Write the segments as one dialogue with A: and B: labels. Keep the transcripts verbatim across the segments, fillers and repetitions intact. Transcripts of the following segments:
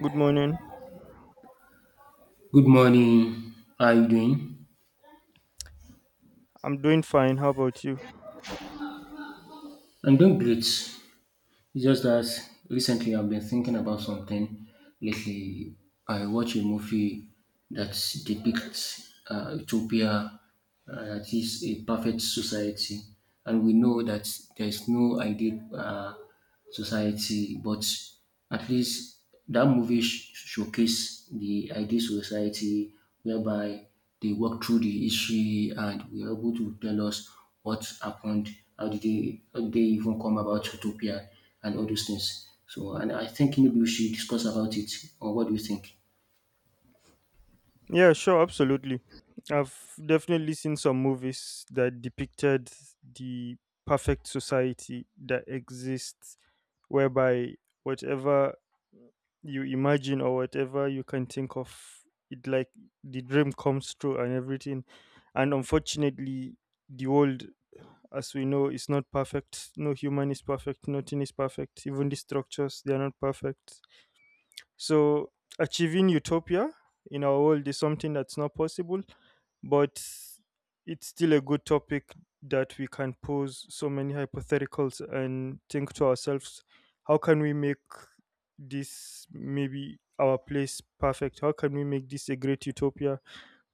A: Good morning.
B: Good morning. How are you doing?
A: I'm doing fine. How about you?
B: I'm doing great. It's just that recently I've been thinking about something. Lately, I watched a movie that depicts uh, utopia, uh, that is a perfect society, and we know that there's no ideal uh, society, but at least that movie sh- showcased the ideal society whereby they walk through the history and were able to tell us what happened, how did they, how did they even come about utopia and all those things. So, and I think maybe we should discuss about it. Or what do you think?
A: Yeah, sure, absolutely. I've definitely seen some movies that depicted the perfect society that exists, whereby whatever you imagine or whatever you can think of, it like the dream comes true and everything. And unfortunately, the world, as we know, is not perfect. No human is perfect. Nothing is perfect. Even the structures, they are not perfect. So, achieving utopia in our world is something that's not possible, but it's still a good topic that we can pose so many hypotheticals and think to ourselves. How can we make this maybe our place perfect? How can we make this a great utopia?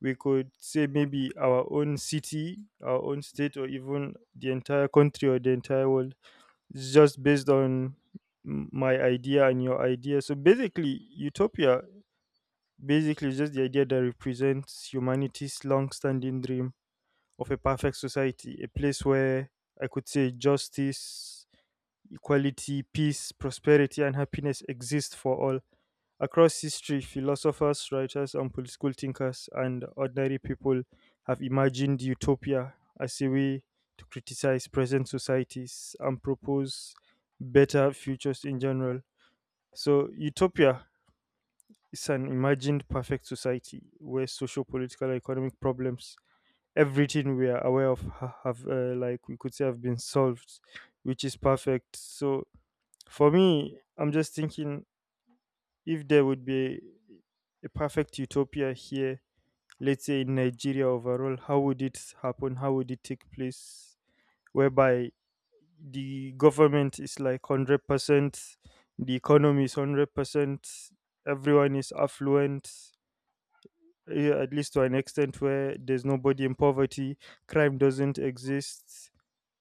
A: We could say maybe our own city, our own state, or even the entire country or the entire world. It's just based on m- my idea and your idea. So basically, utopia basically is just the idea that represents humanity's long-standing dream of a perfect society, a place where I could say justice, equality, peace, prosperity, and happiness exist for all. Across history, philosophers, writers, and political thinkers and ordinary people have imagined utopia as a way to criticize present societies and propose better futures in general. So, utopia is an imagined perfect society where social, political, and economic problems, everything we are aware of, ha- have uh, like we could say have been solved, which is perfect. So, for me, I'm just thinking if there would be a perfect utopia here, let's say in Nigeria overall, how would it happen? How would it take place? Whereby the government is like one hundred percent, the economy is one hundred percent, everyone is affluent, eh, at least to an extent where there's nobody in poverty, crime doesn't exist,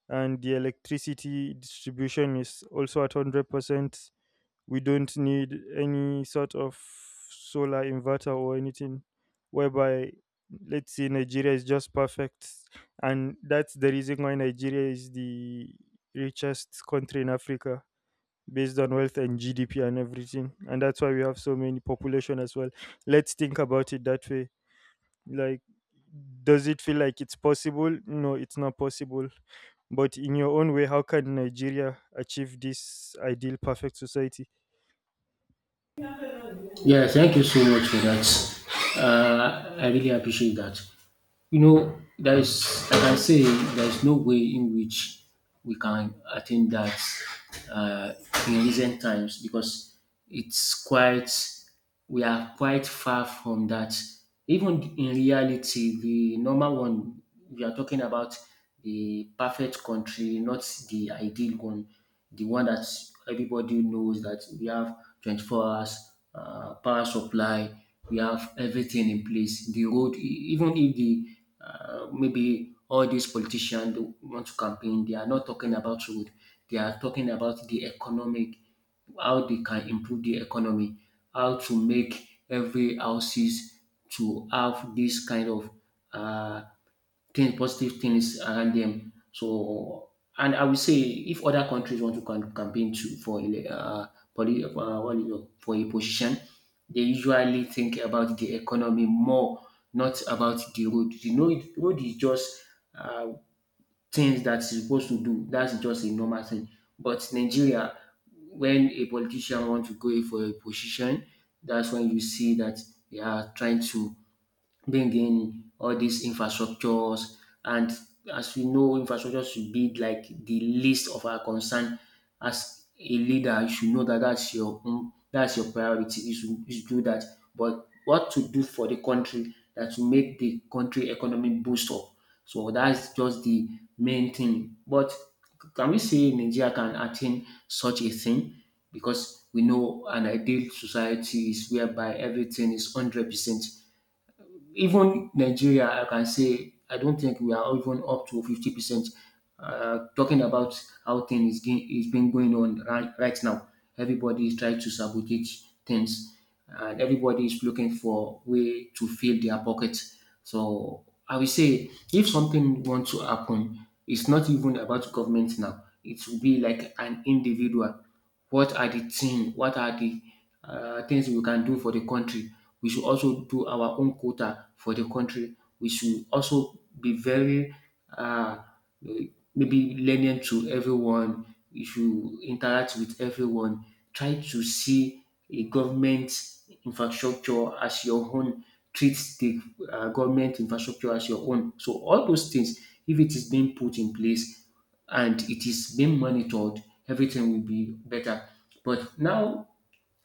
A: and the electricity distribution is also at one hundred percent. We don't need any sort of solar inverter or anything, whereby let's say Nigeria is just perfect, and that's the reason why Nigeria is the richest country in Africa based on wealth and GDP and everything, and that's why we have so many population as well. Let's think about it that way. Like, does it feel like it's possible? No, it's not possible. But in your own way, how can Nigeria achieve this ideal perfect society?
B: Yeah, thank you so much for that. Uh, I really appreciate that. You know, there is, like I say, there is no way in which we can attain that uh, in recent times because it's quite, we are quite far from that. Even in reality, the normal one, we are talking about the perfect country, not the ideal one, the one that everybody knows, that we have twenty-four hours uh, power supply, we have everything in place. The road, e- even if the uh, maybe all these politicians they want to campaign, they are not talking about road. They are talking about the economic, how they can improve the economy, how to make every houses to have this kind of uh, things, positive things around them. So, and I would say if other countries want to cam- campaign to for ele- uh, poli- uh, what is it, for a position, they usually think about the economy more, not about the road. You know, it- road is just uh, things that's supposed to do. That's just a normal thing. But Nigeria, when a politician wants to go for a position, that's when you see that they are trying to bring in all these infrastructures. And as we know, infrastructure should be like the least of our concern. As a leader, you should know that that's your own, that's your priority. You should, you should do that. But what to do for the country that will make the country economy boost up. So that's just the main thing. But can we say Nigeria can attain such a thing? Because we know an ideal society is whereby everything is one hundred percent. Even Nigeria, I can say I don't think we are even up to fifty percent. Uh, talking about how things is, ge- is been going on right, right now, everybody is trying to sabotage things, and everybody is looking for way to fill their pocket. So I will say, if something wants to happen, it's not even about government now. It will be like an individual, what are the thing, what are the uh, things we can do for the country. We should also do our own quota for the country. We should also be very uh, maybe lenient to everyone. You should interact with everyone. Try to see a government infrastructure as your own. Treat the uh, government infrastructure as your own. So all those things, if it is being put in place, and it is being monitored, everything will be better. But now,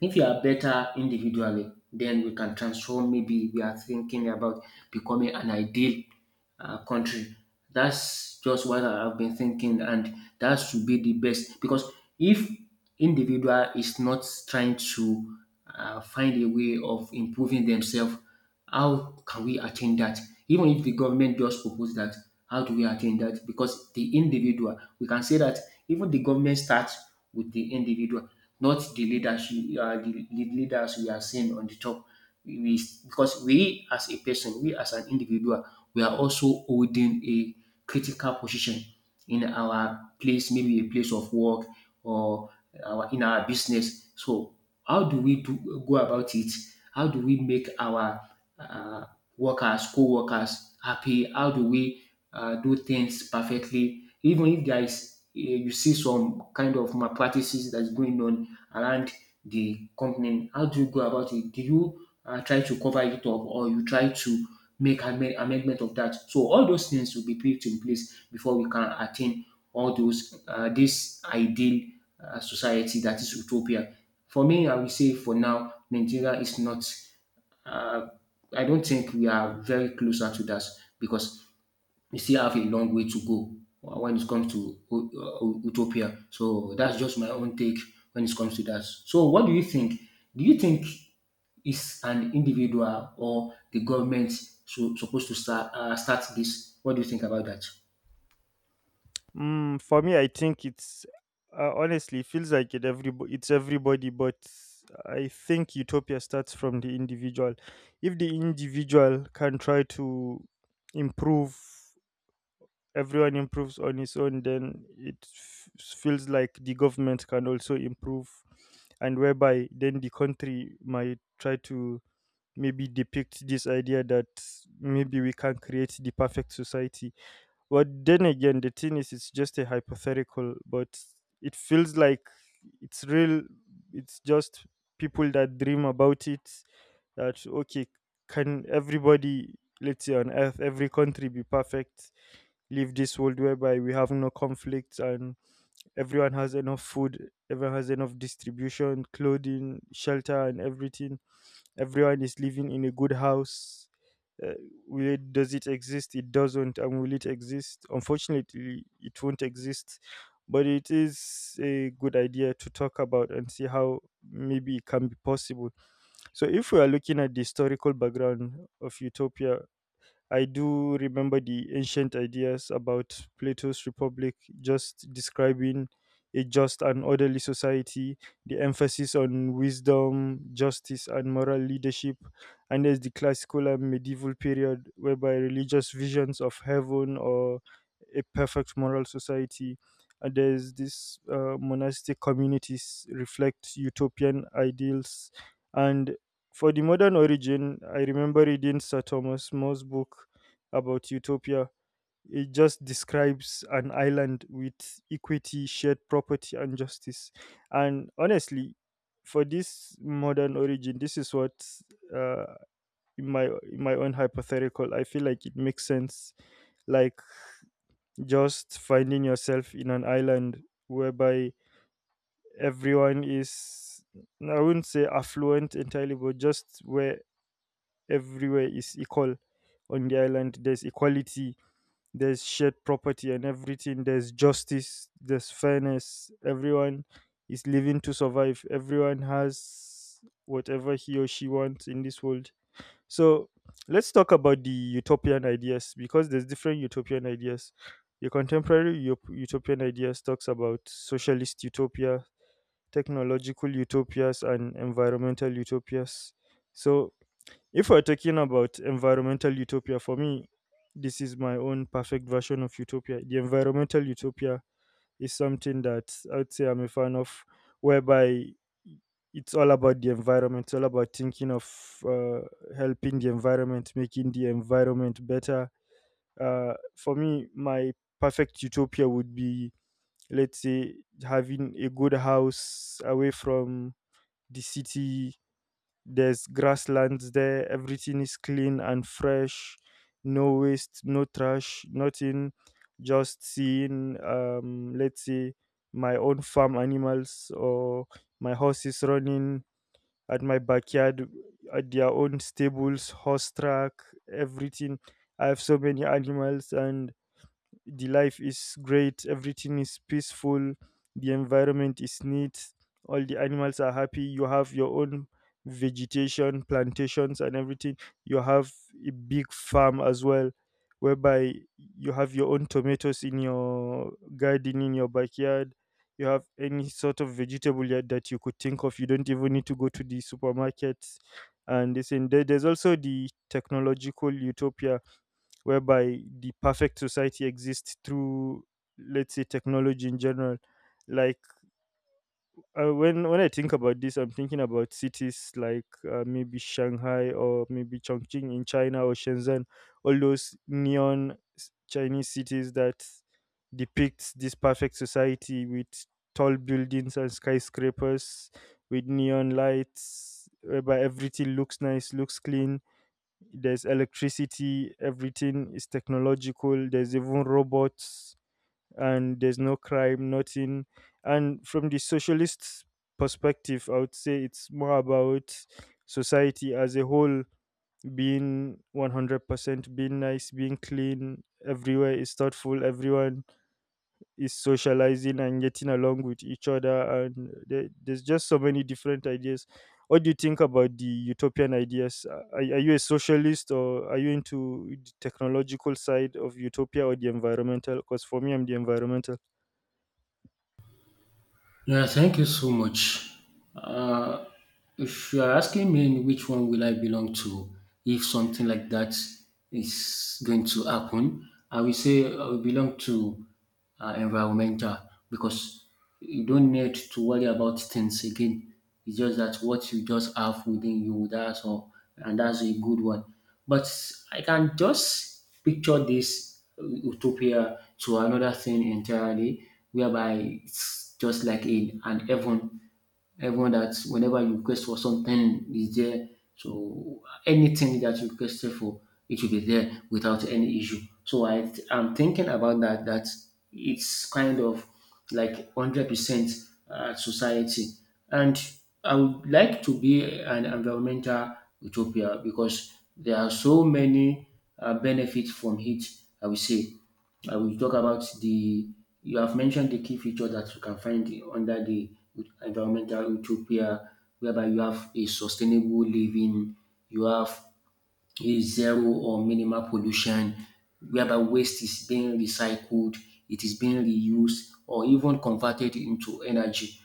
B: if you are better individually, then we can transform. Maybe we are thinking about becoming an ideal uh, country. That's just what I have been thinking, and that should be the best because if individual is not trying to uh, find a way of improving themselves, how can we attain that? Even if the government just propose that, how do we attain that? Because the individual, we can say that even the government starts with the individual, not the leadership, uh, the lead- leaders we are seeing on the top. We, because we as a person, we as an individual, we are also holding a critical position in our place, maybe a place of work or our, in our business. So how do we do go about it? How do we make our uh, workers, co-workers happy? How do we uh, do things perfectly? Even if there is uh, you see some kind of malpractices that's going on around the company, how do you go about it? Do you uh, try to cover it up or you try to make amend- amendment of that? So all those things will be put in place before we can attain all those uh, this ideal uh, society that is utopia. For me, I will say for now, Nigeria is not. Uh, I don't think we are very closer to that because we still have a long way to go when it comes to uh, utopia. So that's just my own take when it comes to that. So what do you think? Do you think is an individual or the government, so, supposed to start uh, start this? What do you think about that?
A: Mm, for me, I think it's uh, honestly it feels like it every it's everybody, but I think utopia starts from the individual. If the individual can try to improve, everyone improves on his own, then it f- feels like the government can also improve, and whereby then the country might try to maybe depict this idea that maybe we can create the perfect society. Well, then again, the thing is, it's just a hypothetical, but it feels like it's real. It's just people that dream about it. That okay, can everybody, let's say on Earth, every country be perfect? Live this world whereby we have no conflicts and everyone has enough food, everyone has enough distribution, clothing, shelter, and everything. Everyone is living in a good house. uh, where does it exist? It doesn't. And will it exist? Unfortunately, it won't exist. But it is a good idea to talk about and see how maybe it can be possible. So if we are looking at the historical background of utopia, I do remember the ancient ideas about Plato's Republic, just describing a just and orderly society, the emphasis on wisdom, justice, and moral leadership. And there's the classical and medieval period, whereby religious visions of heaven or a perfect moral society. And there's this uh, monastic communities reflect utopian ideals, and for the modern origin, I remember reading Sir Thomas More's book about utopia. It just describes an island with equity, shared property, and justice. And honestly, for this modern origin, this is what, uh, in my in my own hypothetical, I feel like it makes sense. Like, just finding yourself in an island whereby everyone is, I wouldn't say affluent entirely, but just where everywhere is equal on the island. There's equality, there's shared property and everything, there's justice, there's fairness. Everyone is living to survive, everyone has whatever he or she wants in this world. So, let's talk about the utopian ideas because there's different utopian ideas. The contemporary Up- utopian ideas talks about socialist utopia, technological utopias, and environmental utopias. So if we're talking about environmental utopia, for me, this is my own perfect version of utopia. The environmental utopia is something that I would say I'm a fan of, whereby it's all about the environment, it's all about thinking of uh, helping the environment, making the environment better. Uh, for me, my perfect utopia would be, let's say, having a good house away from the city. There's grasslands there. Everything is clean and fresh. No waste, no trash, nothing. Just seeing, um, let's say, my own farm animals or my horses running at my backyard at their own stables, horse track, everything. I have so many animals, and the life is great, everything is peaceful, the environment is neat, all the animals are happy. You have your own vegetation plantations and everything, you have a big farm as well, whereby you have your own tomatoes in your garden, in your backyard. You have any sort of vegetable yet that you could think of. You don't even need to go to the supermarket. And this and there- there's also the technological utopia, whereby the perfect society exists through, let's say, technology in general. Like, uh, when when I think about this, I'm thinking about cities like, uh, maybe Shanghai or maybe Chongqing in China, or Shenzhen, all those neon s- Chinese cities that depicts this perfect society with tall buildings and skyscrapers with neon lights, whereby everything looks nice, looks clean. There's electricity, everything is technological, there's even robots, and there's no crime, nothing. And from the socialist perspective, I would say it's more about society as a whole being one hundred percent, being nice, being clean, everywhere is thoughtful, everyone is socializing and getting along with each other. And there, there's just so many different ideas. What do you think about the utopian ideas? Are, are you a socialist, or are you into the technological side of utopia or the environmental? Because for me, I'm the environmental.
B: Yeah, thank you so much. Uh, if you are asking me in which one will I belong to, if something like that is going to happen, I will say I will belong to uh, environmental because you don't need to worry about things again. It's just that what you just have within you, that's all, and that's a good one. But I can just picture this utopia to another thing entirely, whereby it's just like in an heaven. Heaven that whenever you request for something is there. So anything that you requested for, it will be there without any issue. So I I'm thinking about that, that it's kind of like one hundred percent uh, society. And I would like to be an environmental utopia because there are so many uh, benefits from it, I will say. I will talk about the, you have mentioned the key features that you can find under the environmental utopia, whereby you have a sustainable living, you have is zero or minimal pollution, whereby waste is being recycled, it is being reused, or even converted into energy.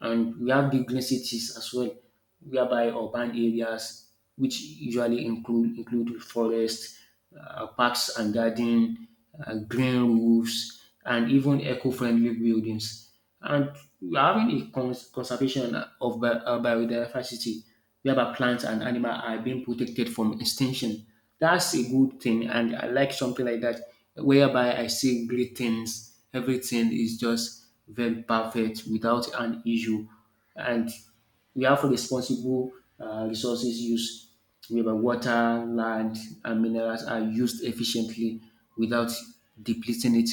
B: And we have the green cities as well, whereby urban areas, which usually include include forest, uh, parks and garden, uh, green roofs, and even eco-friendly buildings. And we are having a cons- conservation of bi- uh, biodiversity whereby plants and animal are being protected from extinction. That's a good thing, and I like something like that, whereby I see great things. Everything is just very perfect without an issue, and we have responsible uh, resources use, whereby water, land, and minerals are used efficiently without depleting it.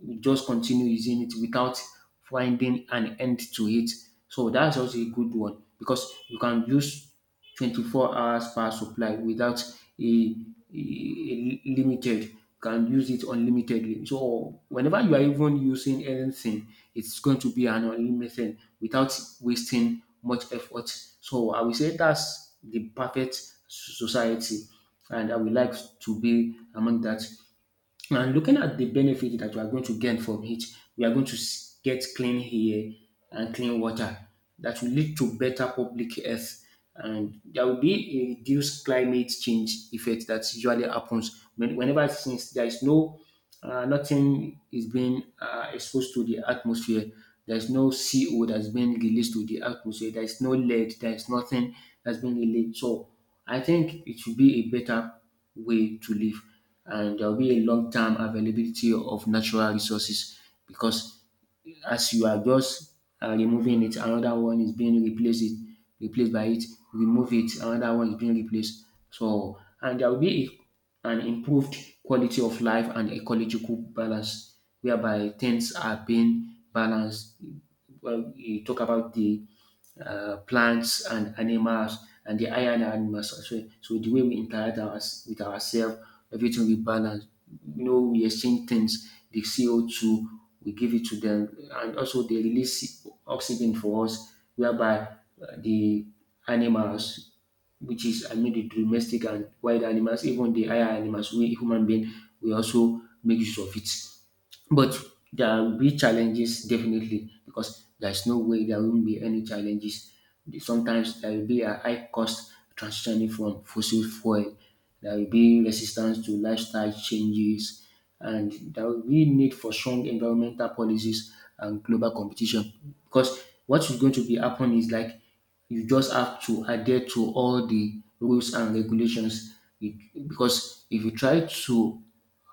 B: We just continue using it without finding an end to it. So that's also a good one because you can use twenty-four hours per supply without a, a, a limited. You can use it unlimitedly. So whenever you are even using anything, it's going to be an unlimited without wasting much effort. So I will say that's the perfect society, and I would like to be among that. And looking at the benefit that we are going to gain from it, we are going to s- get clean air and clean water that will lead to better public health. And there will be a reduced climate change effect that usually happens when, whenever, since there is no uh, nothing is being uh, exposed to the atmosphere. There is no C O that's being released to the atmosphere. There is no lead. There is nothing that's being released. So I think it should be a better way to live, and there will be a long term availability of natural resources because as you are just uh, removing it, another one is being replaced it, replaced by it. Remove it, another one is being replaced. So and there will be a- an improved quality of life and ecological balance whereby things are being balanced. Well, you talk about the uh, plants and animals and the higher animals also. So the way we interact our, with ourselves, everything we balance. You know, we exchange things, the C O two, we give it to them, and also they release oxygen for us, whereby uh, the animals, which is I mean the domestic and wild animals, even the higher animals, we human being, we also make use of it. But there will be challenges definitely because there's no way there won't be any challenges. Sometimes there will be a high cost transitioning from fossil fuel. There will be resistance to lifestyle changes, and there will be need for strong environmental policies and global competition. Because what is going to be happening is like you just have to adhere to all the rules and regulations. It- because if you try to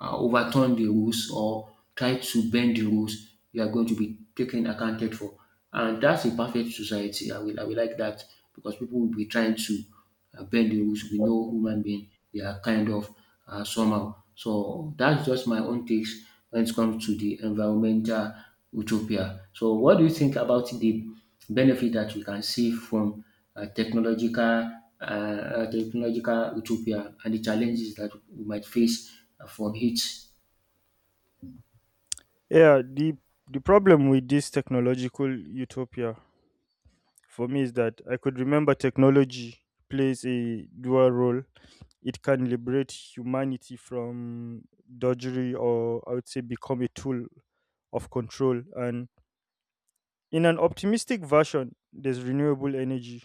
B: uh, overturn the rules or try to bend the rules, you are going to be taken accounted for. And that's a perfect society. I will, I will like that because people will be trying to uh, bend the rules. We know human being, they are kind of uh, somehow. So that's just my own takes when it comes to the environmental utopia. So what do you think about the benefit that we can see from uh, technological uh, uh, technological utopia and the challenges that we might face uh, from it?
A: Yeah, the the problem with this technological utopia for me is that I could remember technology plays a dual role. It can liberate humanity from drudgery, or I would say become a tool of control. And in an optimistic version, there's renewable energy,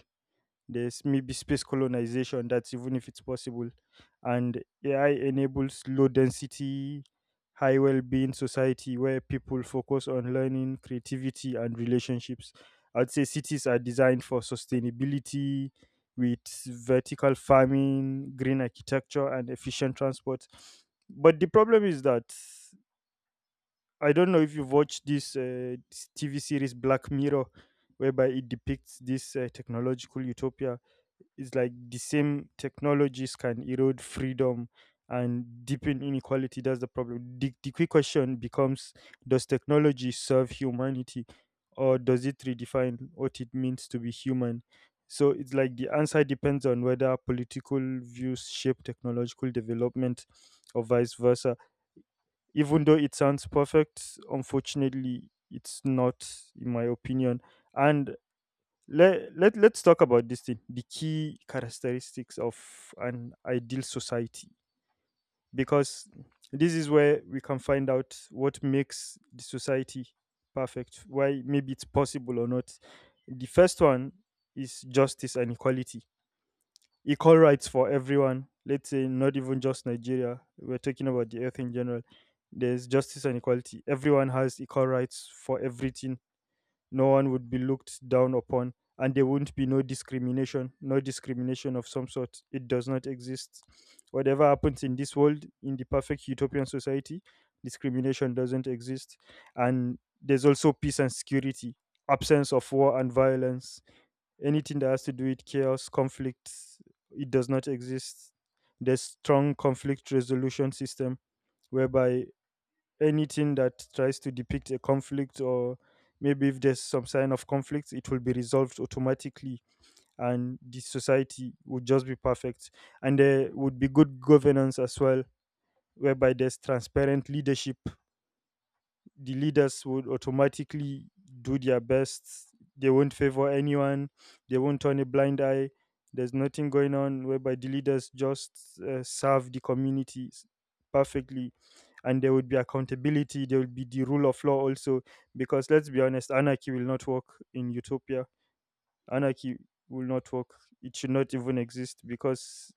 A: there's maybe space colonization, that's even if it's possible. And A I enables low density, high well being society where people focus on learning, creativity, and relationships. I'd say cities are designed for sustainability with vertical farming, green architecture, and efficient transport. But the problem is that I don't know if you've watched this, uh, this T V series Black Mirror, whereby it depicts this uh, technological utopia. It's like the same technologies can erode freedom and deepen inequality. That's the problem. The, the quick question becomes, does technology serve humanity, or does it redefine what it means to be human? So it's like the answer depends on whether political views shape technological development, or vice versa. Even though it sounds perfect, unfortunately, it's not, in my opinion. And let, let let's talk about this thing, the key characteristics of an ideal society, because this is where we can find out what makes the society perfect, why maybe it's possible or not. The first one is justice and equality. Equal rights for everyone, let's say not even just Nigeria, we're talking about the Earth in general. There's justice and equality, everyone has equal rights for everything. No one would be looked down upon, and there wouldn't be no discrimination. No discrimination of some sort, it does not exist. Whatever happens in this world, in the perfect utopian society, discrimination doesn't exist. And there's also peace and security, absence of war and violence. Anything that has to do with chaos, conflict, it does not exist. There's strong conflict resolution system, whereby anything that tries to depict a conflict, or maybe if there's some sign of conflict, it will be resolved automatically, and the society would just be perfect. And there would be good governance as well, whereby there's transparent leadership. The leaders would automatically do their best. They won't favor anyone. They won't turn a blind eye. There's nothing going on, whereby the leaders just uh, serve the communities perfectly. And there would be accountability. There would be the rule of law also. Because let's be honest, anarchy will not work in utopia. Anarchy will not work. It should not even exist, because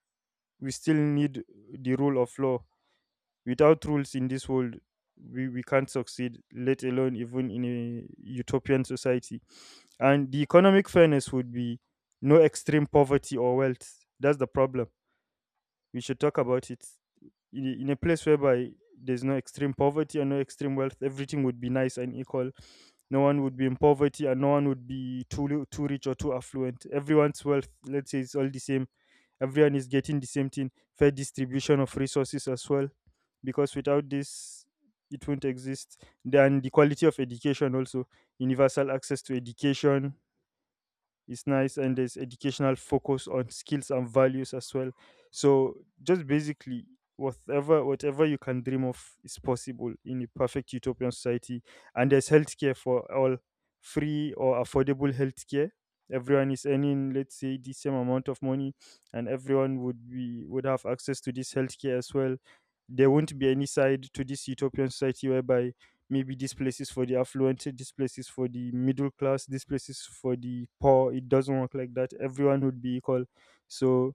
A: we still need the rule of law. Without rules in this world, we, we can't succeed, let alone even in a utopian society. And the economic fairness would be no extreme poverty or wealth. That's the problem. We should talk about it in a, in a place whereby there's no extreme poverty and no extreme wealth. Everything would be nice and equal. No one would be in poverty and no one would be too li- too rich or too affluent. Everyone's wealth, let's say, is all the same. Everyone is getting the same thing. Fair distribution of resources as well, because without this it won't exist. Then the quality of education also, universal access to education, it's nice, and there's educational focus on skills and values as well. So just basically whatever whatever you can dream of is possible in a perfect utopian society. And there's healthcare for all, free or affordable healthcare. Everyone is earning, let's say, the same amount of money, and everyone would be would have access to this healthcare as well. There won't be any side to this utopian society whereby maybe this place is for the affluent, this place is for the middle class, this place is for the poor. It doesn't work like that. Everyone would be equal. So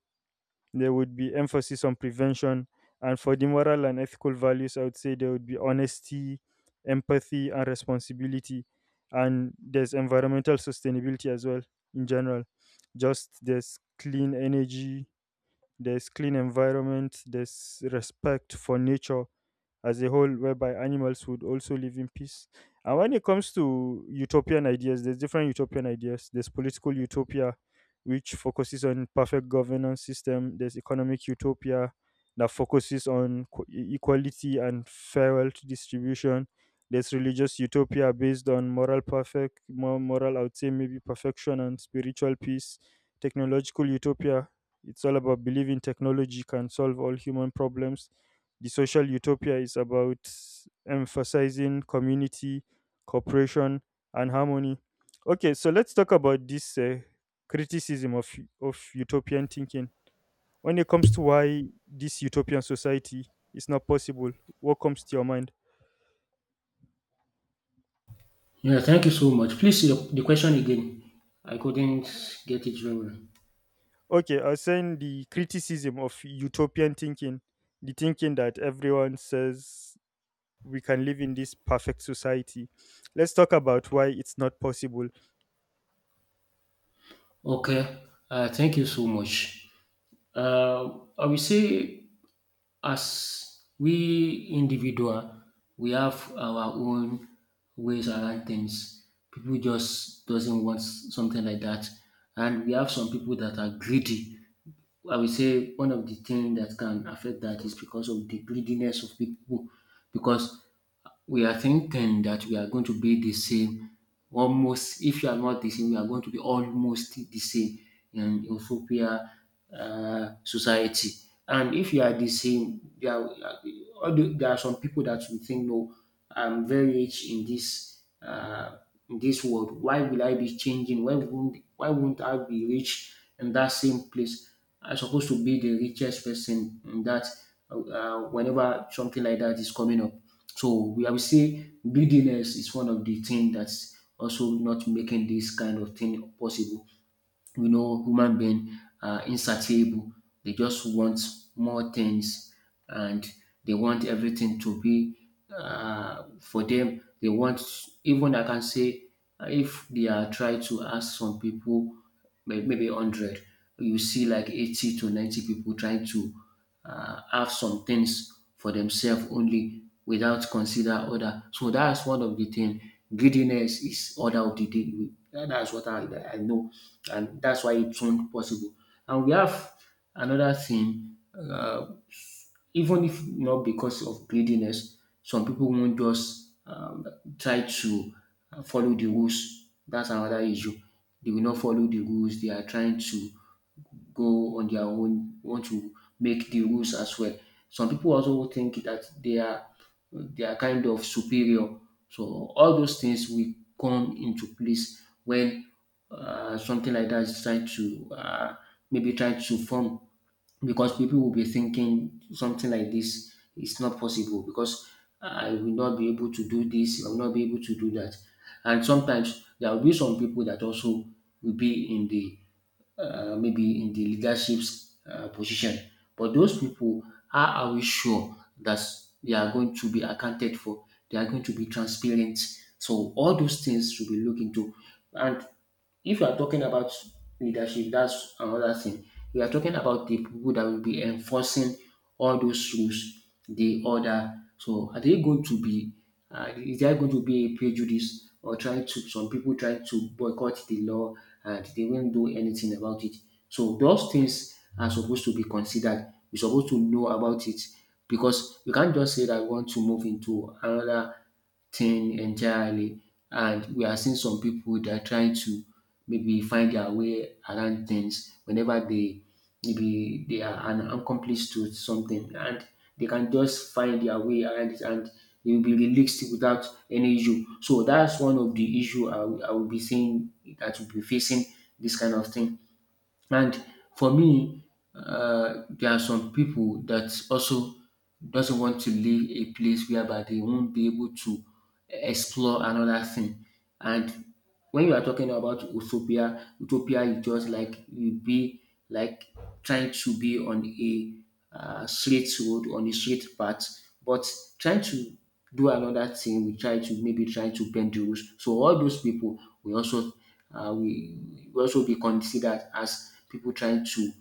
A: there would be emphasis on prevention. And for the moral and ethical values, I would say there would be honesty, empathy, and responsibility. And there's environmental sustainability as well. In general, just there's clean energy, there's clean environment, there's respect for nature as a whole, whereby animals would also live in peace. And when it comes to utopian ideas, there's different utopian ideas. There's political utopia, which focuses on perfect governance system. There's economic utopia that focuses on qu- e- equality and fair wealth distribution. There's religious utopia based on moral perfect, more moral, I would say, maybe perfection and spiritual peace. Technological utopia, it's all about believing technology can solve all human problems. The social utopia is about emphasizing community, cooperation, and harmony. Okay, so let's talk about this uh, criticism of, of utopian thinking. When it comes to why this utopian society is not possible, what comes to your mind?
B: Yeah, thank you so much. Please, the the question again. I couldn't get it very well.
A: Okay, I was saying the criticism of utopian thinking, the thinking that everyone says we can live in this perfect society. Let's talk about why it's not possible.
B: Okay, uh, thank you so much. Uh, I will say, as we individual, we have our own ways around things. People just doesn't want something like that, and we have some people that are greedy. I will say one of the things that can affect that is because of the greediness of people, because we are thinking that we are going to be the same. Almost, if you are not the same, we are going to be almost the same in utopia uh, society. And if you are the same, there are, all there are some people that will think, no, I'm very rich in this uh, in this world, why will I be changing, why won't, why won't I be rich in that same place? I'm supposed to be the richest person in that uh, uh, whenever something like that is coming up. So we I would say greediness is one of the things that's also not making this kind of thing possible. We know human being are insatiable. They just want more things, and they want everything to be uh, for them. They want, even I can say, uh, if they are trying to ask some people, may- maybe a hundred, you see like eighty to ninety people trying to uh, have some things for themselves only without consider other. So that's one of the thing. Greediness is order of the day. We- that- That's what I, I know, and that's why it's not possible. And we have another thing. Uh, even if not because of greediness, some people won't just um, try to uh, follow the rules. That's another issue. They will not follow the rules. They are trying to go on their own, want to make the rules as well. Some people also think that they are they are kind of superior. So all those things will come into place when uh, something like that is trying to uh, maybe trying to form, because people will be thinking something like this is not possible because I will not be able to do this, I will not be able to do that. And sometimes there will be some people that also will be in the uh, maybe in the leadership uh, position. But those people, how are we sure that they are going to be accounted for? They are going to be transparent? So all those things should be looked into. And if you are talking about leadership, that's another thing. We are talking about the people that will be enforcing all those rules, the order. So are they going to be, uh, is there going to be a prejudice, or trying to, some people trying to boycott the law and they won't do anything about it? So those things are supposed to be considered. We're supposed to know about it, because you can't just say that we want to move into another thing entirely. And we are seeing some people that are trying to maybe find their way around things whenever they maybe they are an accomplice to something, and they can just find their way around it and they will be released without any issue. So that's one of the issue I, will- I will be seeing that will be facing this kind of thing. And for me, uh, there are some people that also doesn't want to leave a place whereby they won't be able to explore another thing. And when you are talking about utopia, utopia is just like you be like trying to be on a uh, straight road, on a straight path, but trying to do another thing, we try to maybe try to bend the rules. So all those people will also uh, we will also be considered as people trying to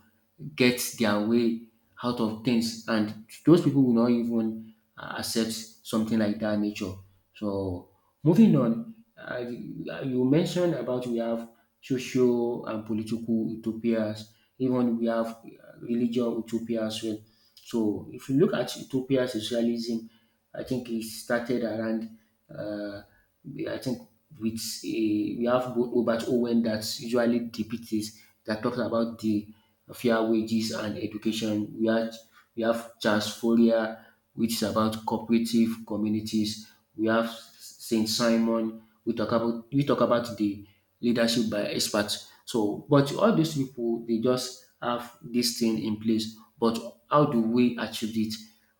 B: get their way out of things, and those people will not even uh, accept something like that nature. So moving on, uh, you mentioned about we have social and political utopias, even we have uh, religious utopia as well. So if you look at utopia socialism, I think it started around. Uh, we- I think with a, we have Bo- Robert Owen that usually depicts this, that talks about the fair wages and education. We have we have Charles Fourier, which is about cooperative communities. We have Saint Simon. We talk about we talk about the leadership by experts. So, but all these people they just have this thing in place. But how do we achieve it?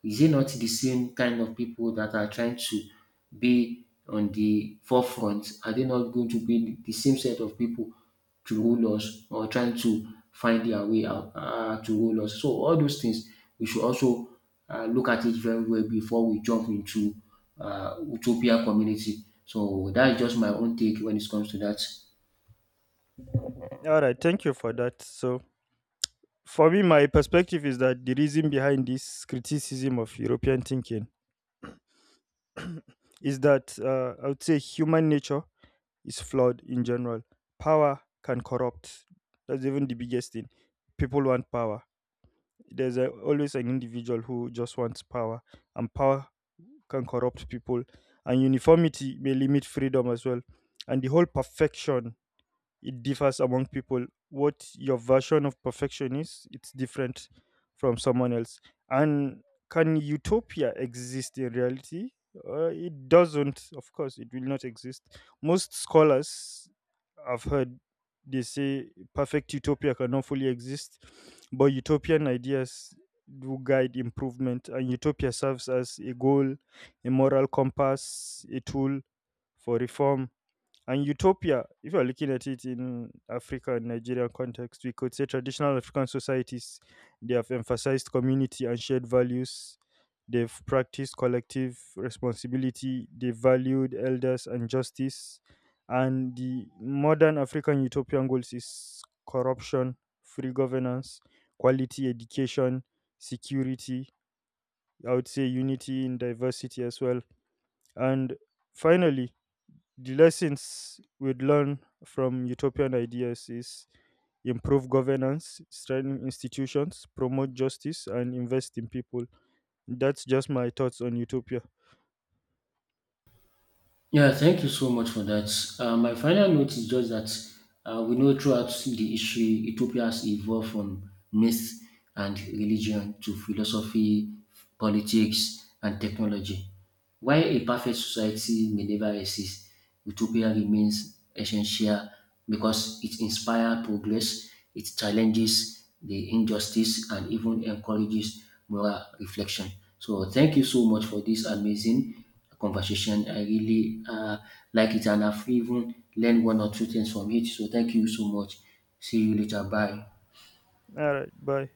B: Is it not the same kind of people that are trying to be on the forefront? Are they not going to be the same set of people to rule us, or trying to find their way out uh, to rule us? So, all those things we should also uh, look at it very well before we jump into uh, utopia community. So, that's just my own take when it comes to that.
A: All right, thank you for that. So, for me, my perspective is that the reason behind this criticism of European thinking is that uh, I would say human nature is flawed in general. Power can corrupt. That's even the biggest thing. People want power. There's a, always an individual who just wants power, and power can corrupt people. And uniformity may limit freedom as well. And the whole perfection, it differs among people. What your version of perfection is, it's different from someone else. And can utopia exist in reality? Uh, it doesn't. Of course it will not exist. Most scholars I've heard, they say perfect utopia cannot fully exist, but utopian ideas do guide improvement, and utopia serves as a goal, a moral compass, a tool for reform. And utopia, if you're looking at it in Africa and Nigerian context, we could say traditional African societies, they have emphasized community and shared values. They've practiced collective responsibility. They valued elders and justice. And the modern African utopian goals is corruption, free governance, quality education, security. I would say unity in diversity as well. And finally, the lessons we'd learn from utopian ideas is improve governance, strengthen institutions, promote justice, and invest in people. That's just my thoughts on utopia.
B: Yeah, thank you so much for that. Uh, my final note is just that uh, we know throughout the history, Ethiopia has evolved from myth and religion to philosophy, politics, and technology. While a perfect society may never exist, utopia remains essential because it inspires progress, it challenges the injustice, and even encourages moral reflection. So, thank you so much for this amazing conversation. I really uh, like it, and I've even learned one or two things from it. So thank you so much. See you later. Bye.
A: All right, bye.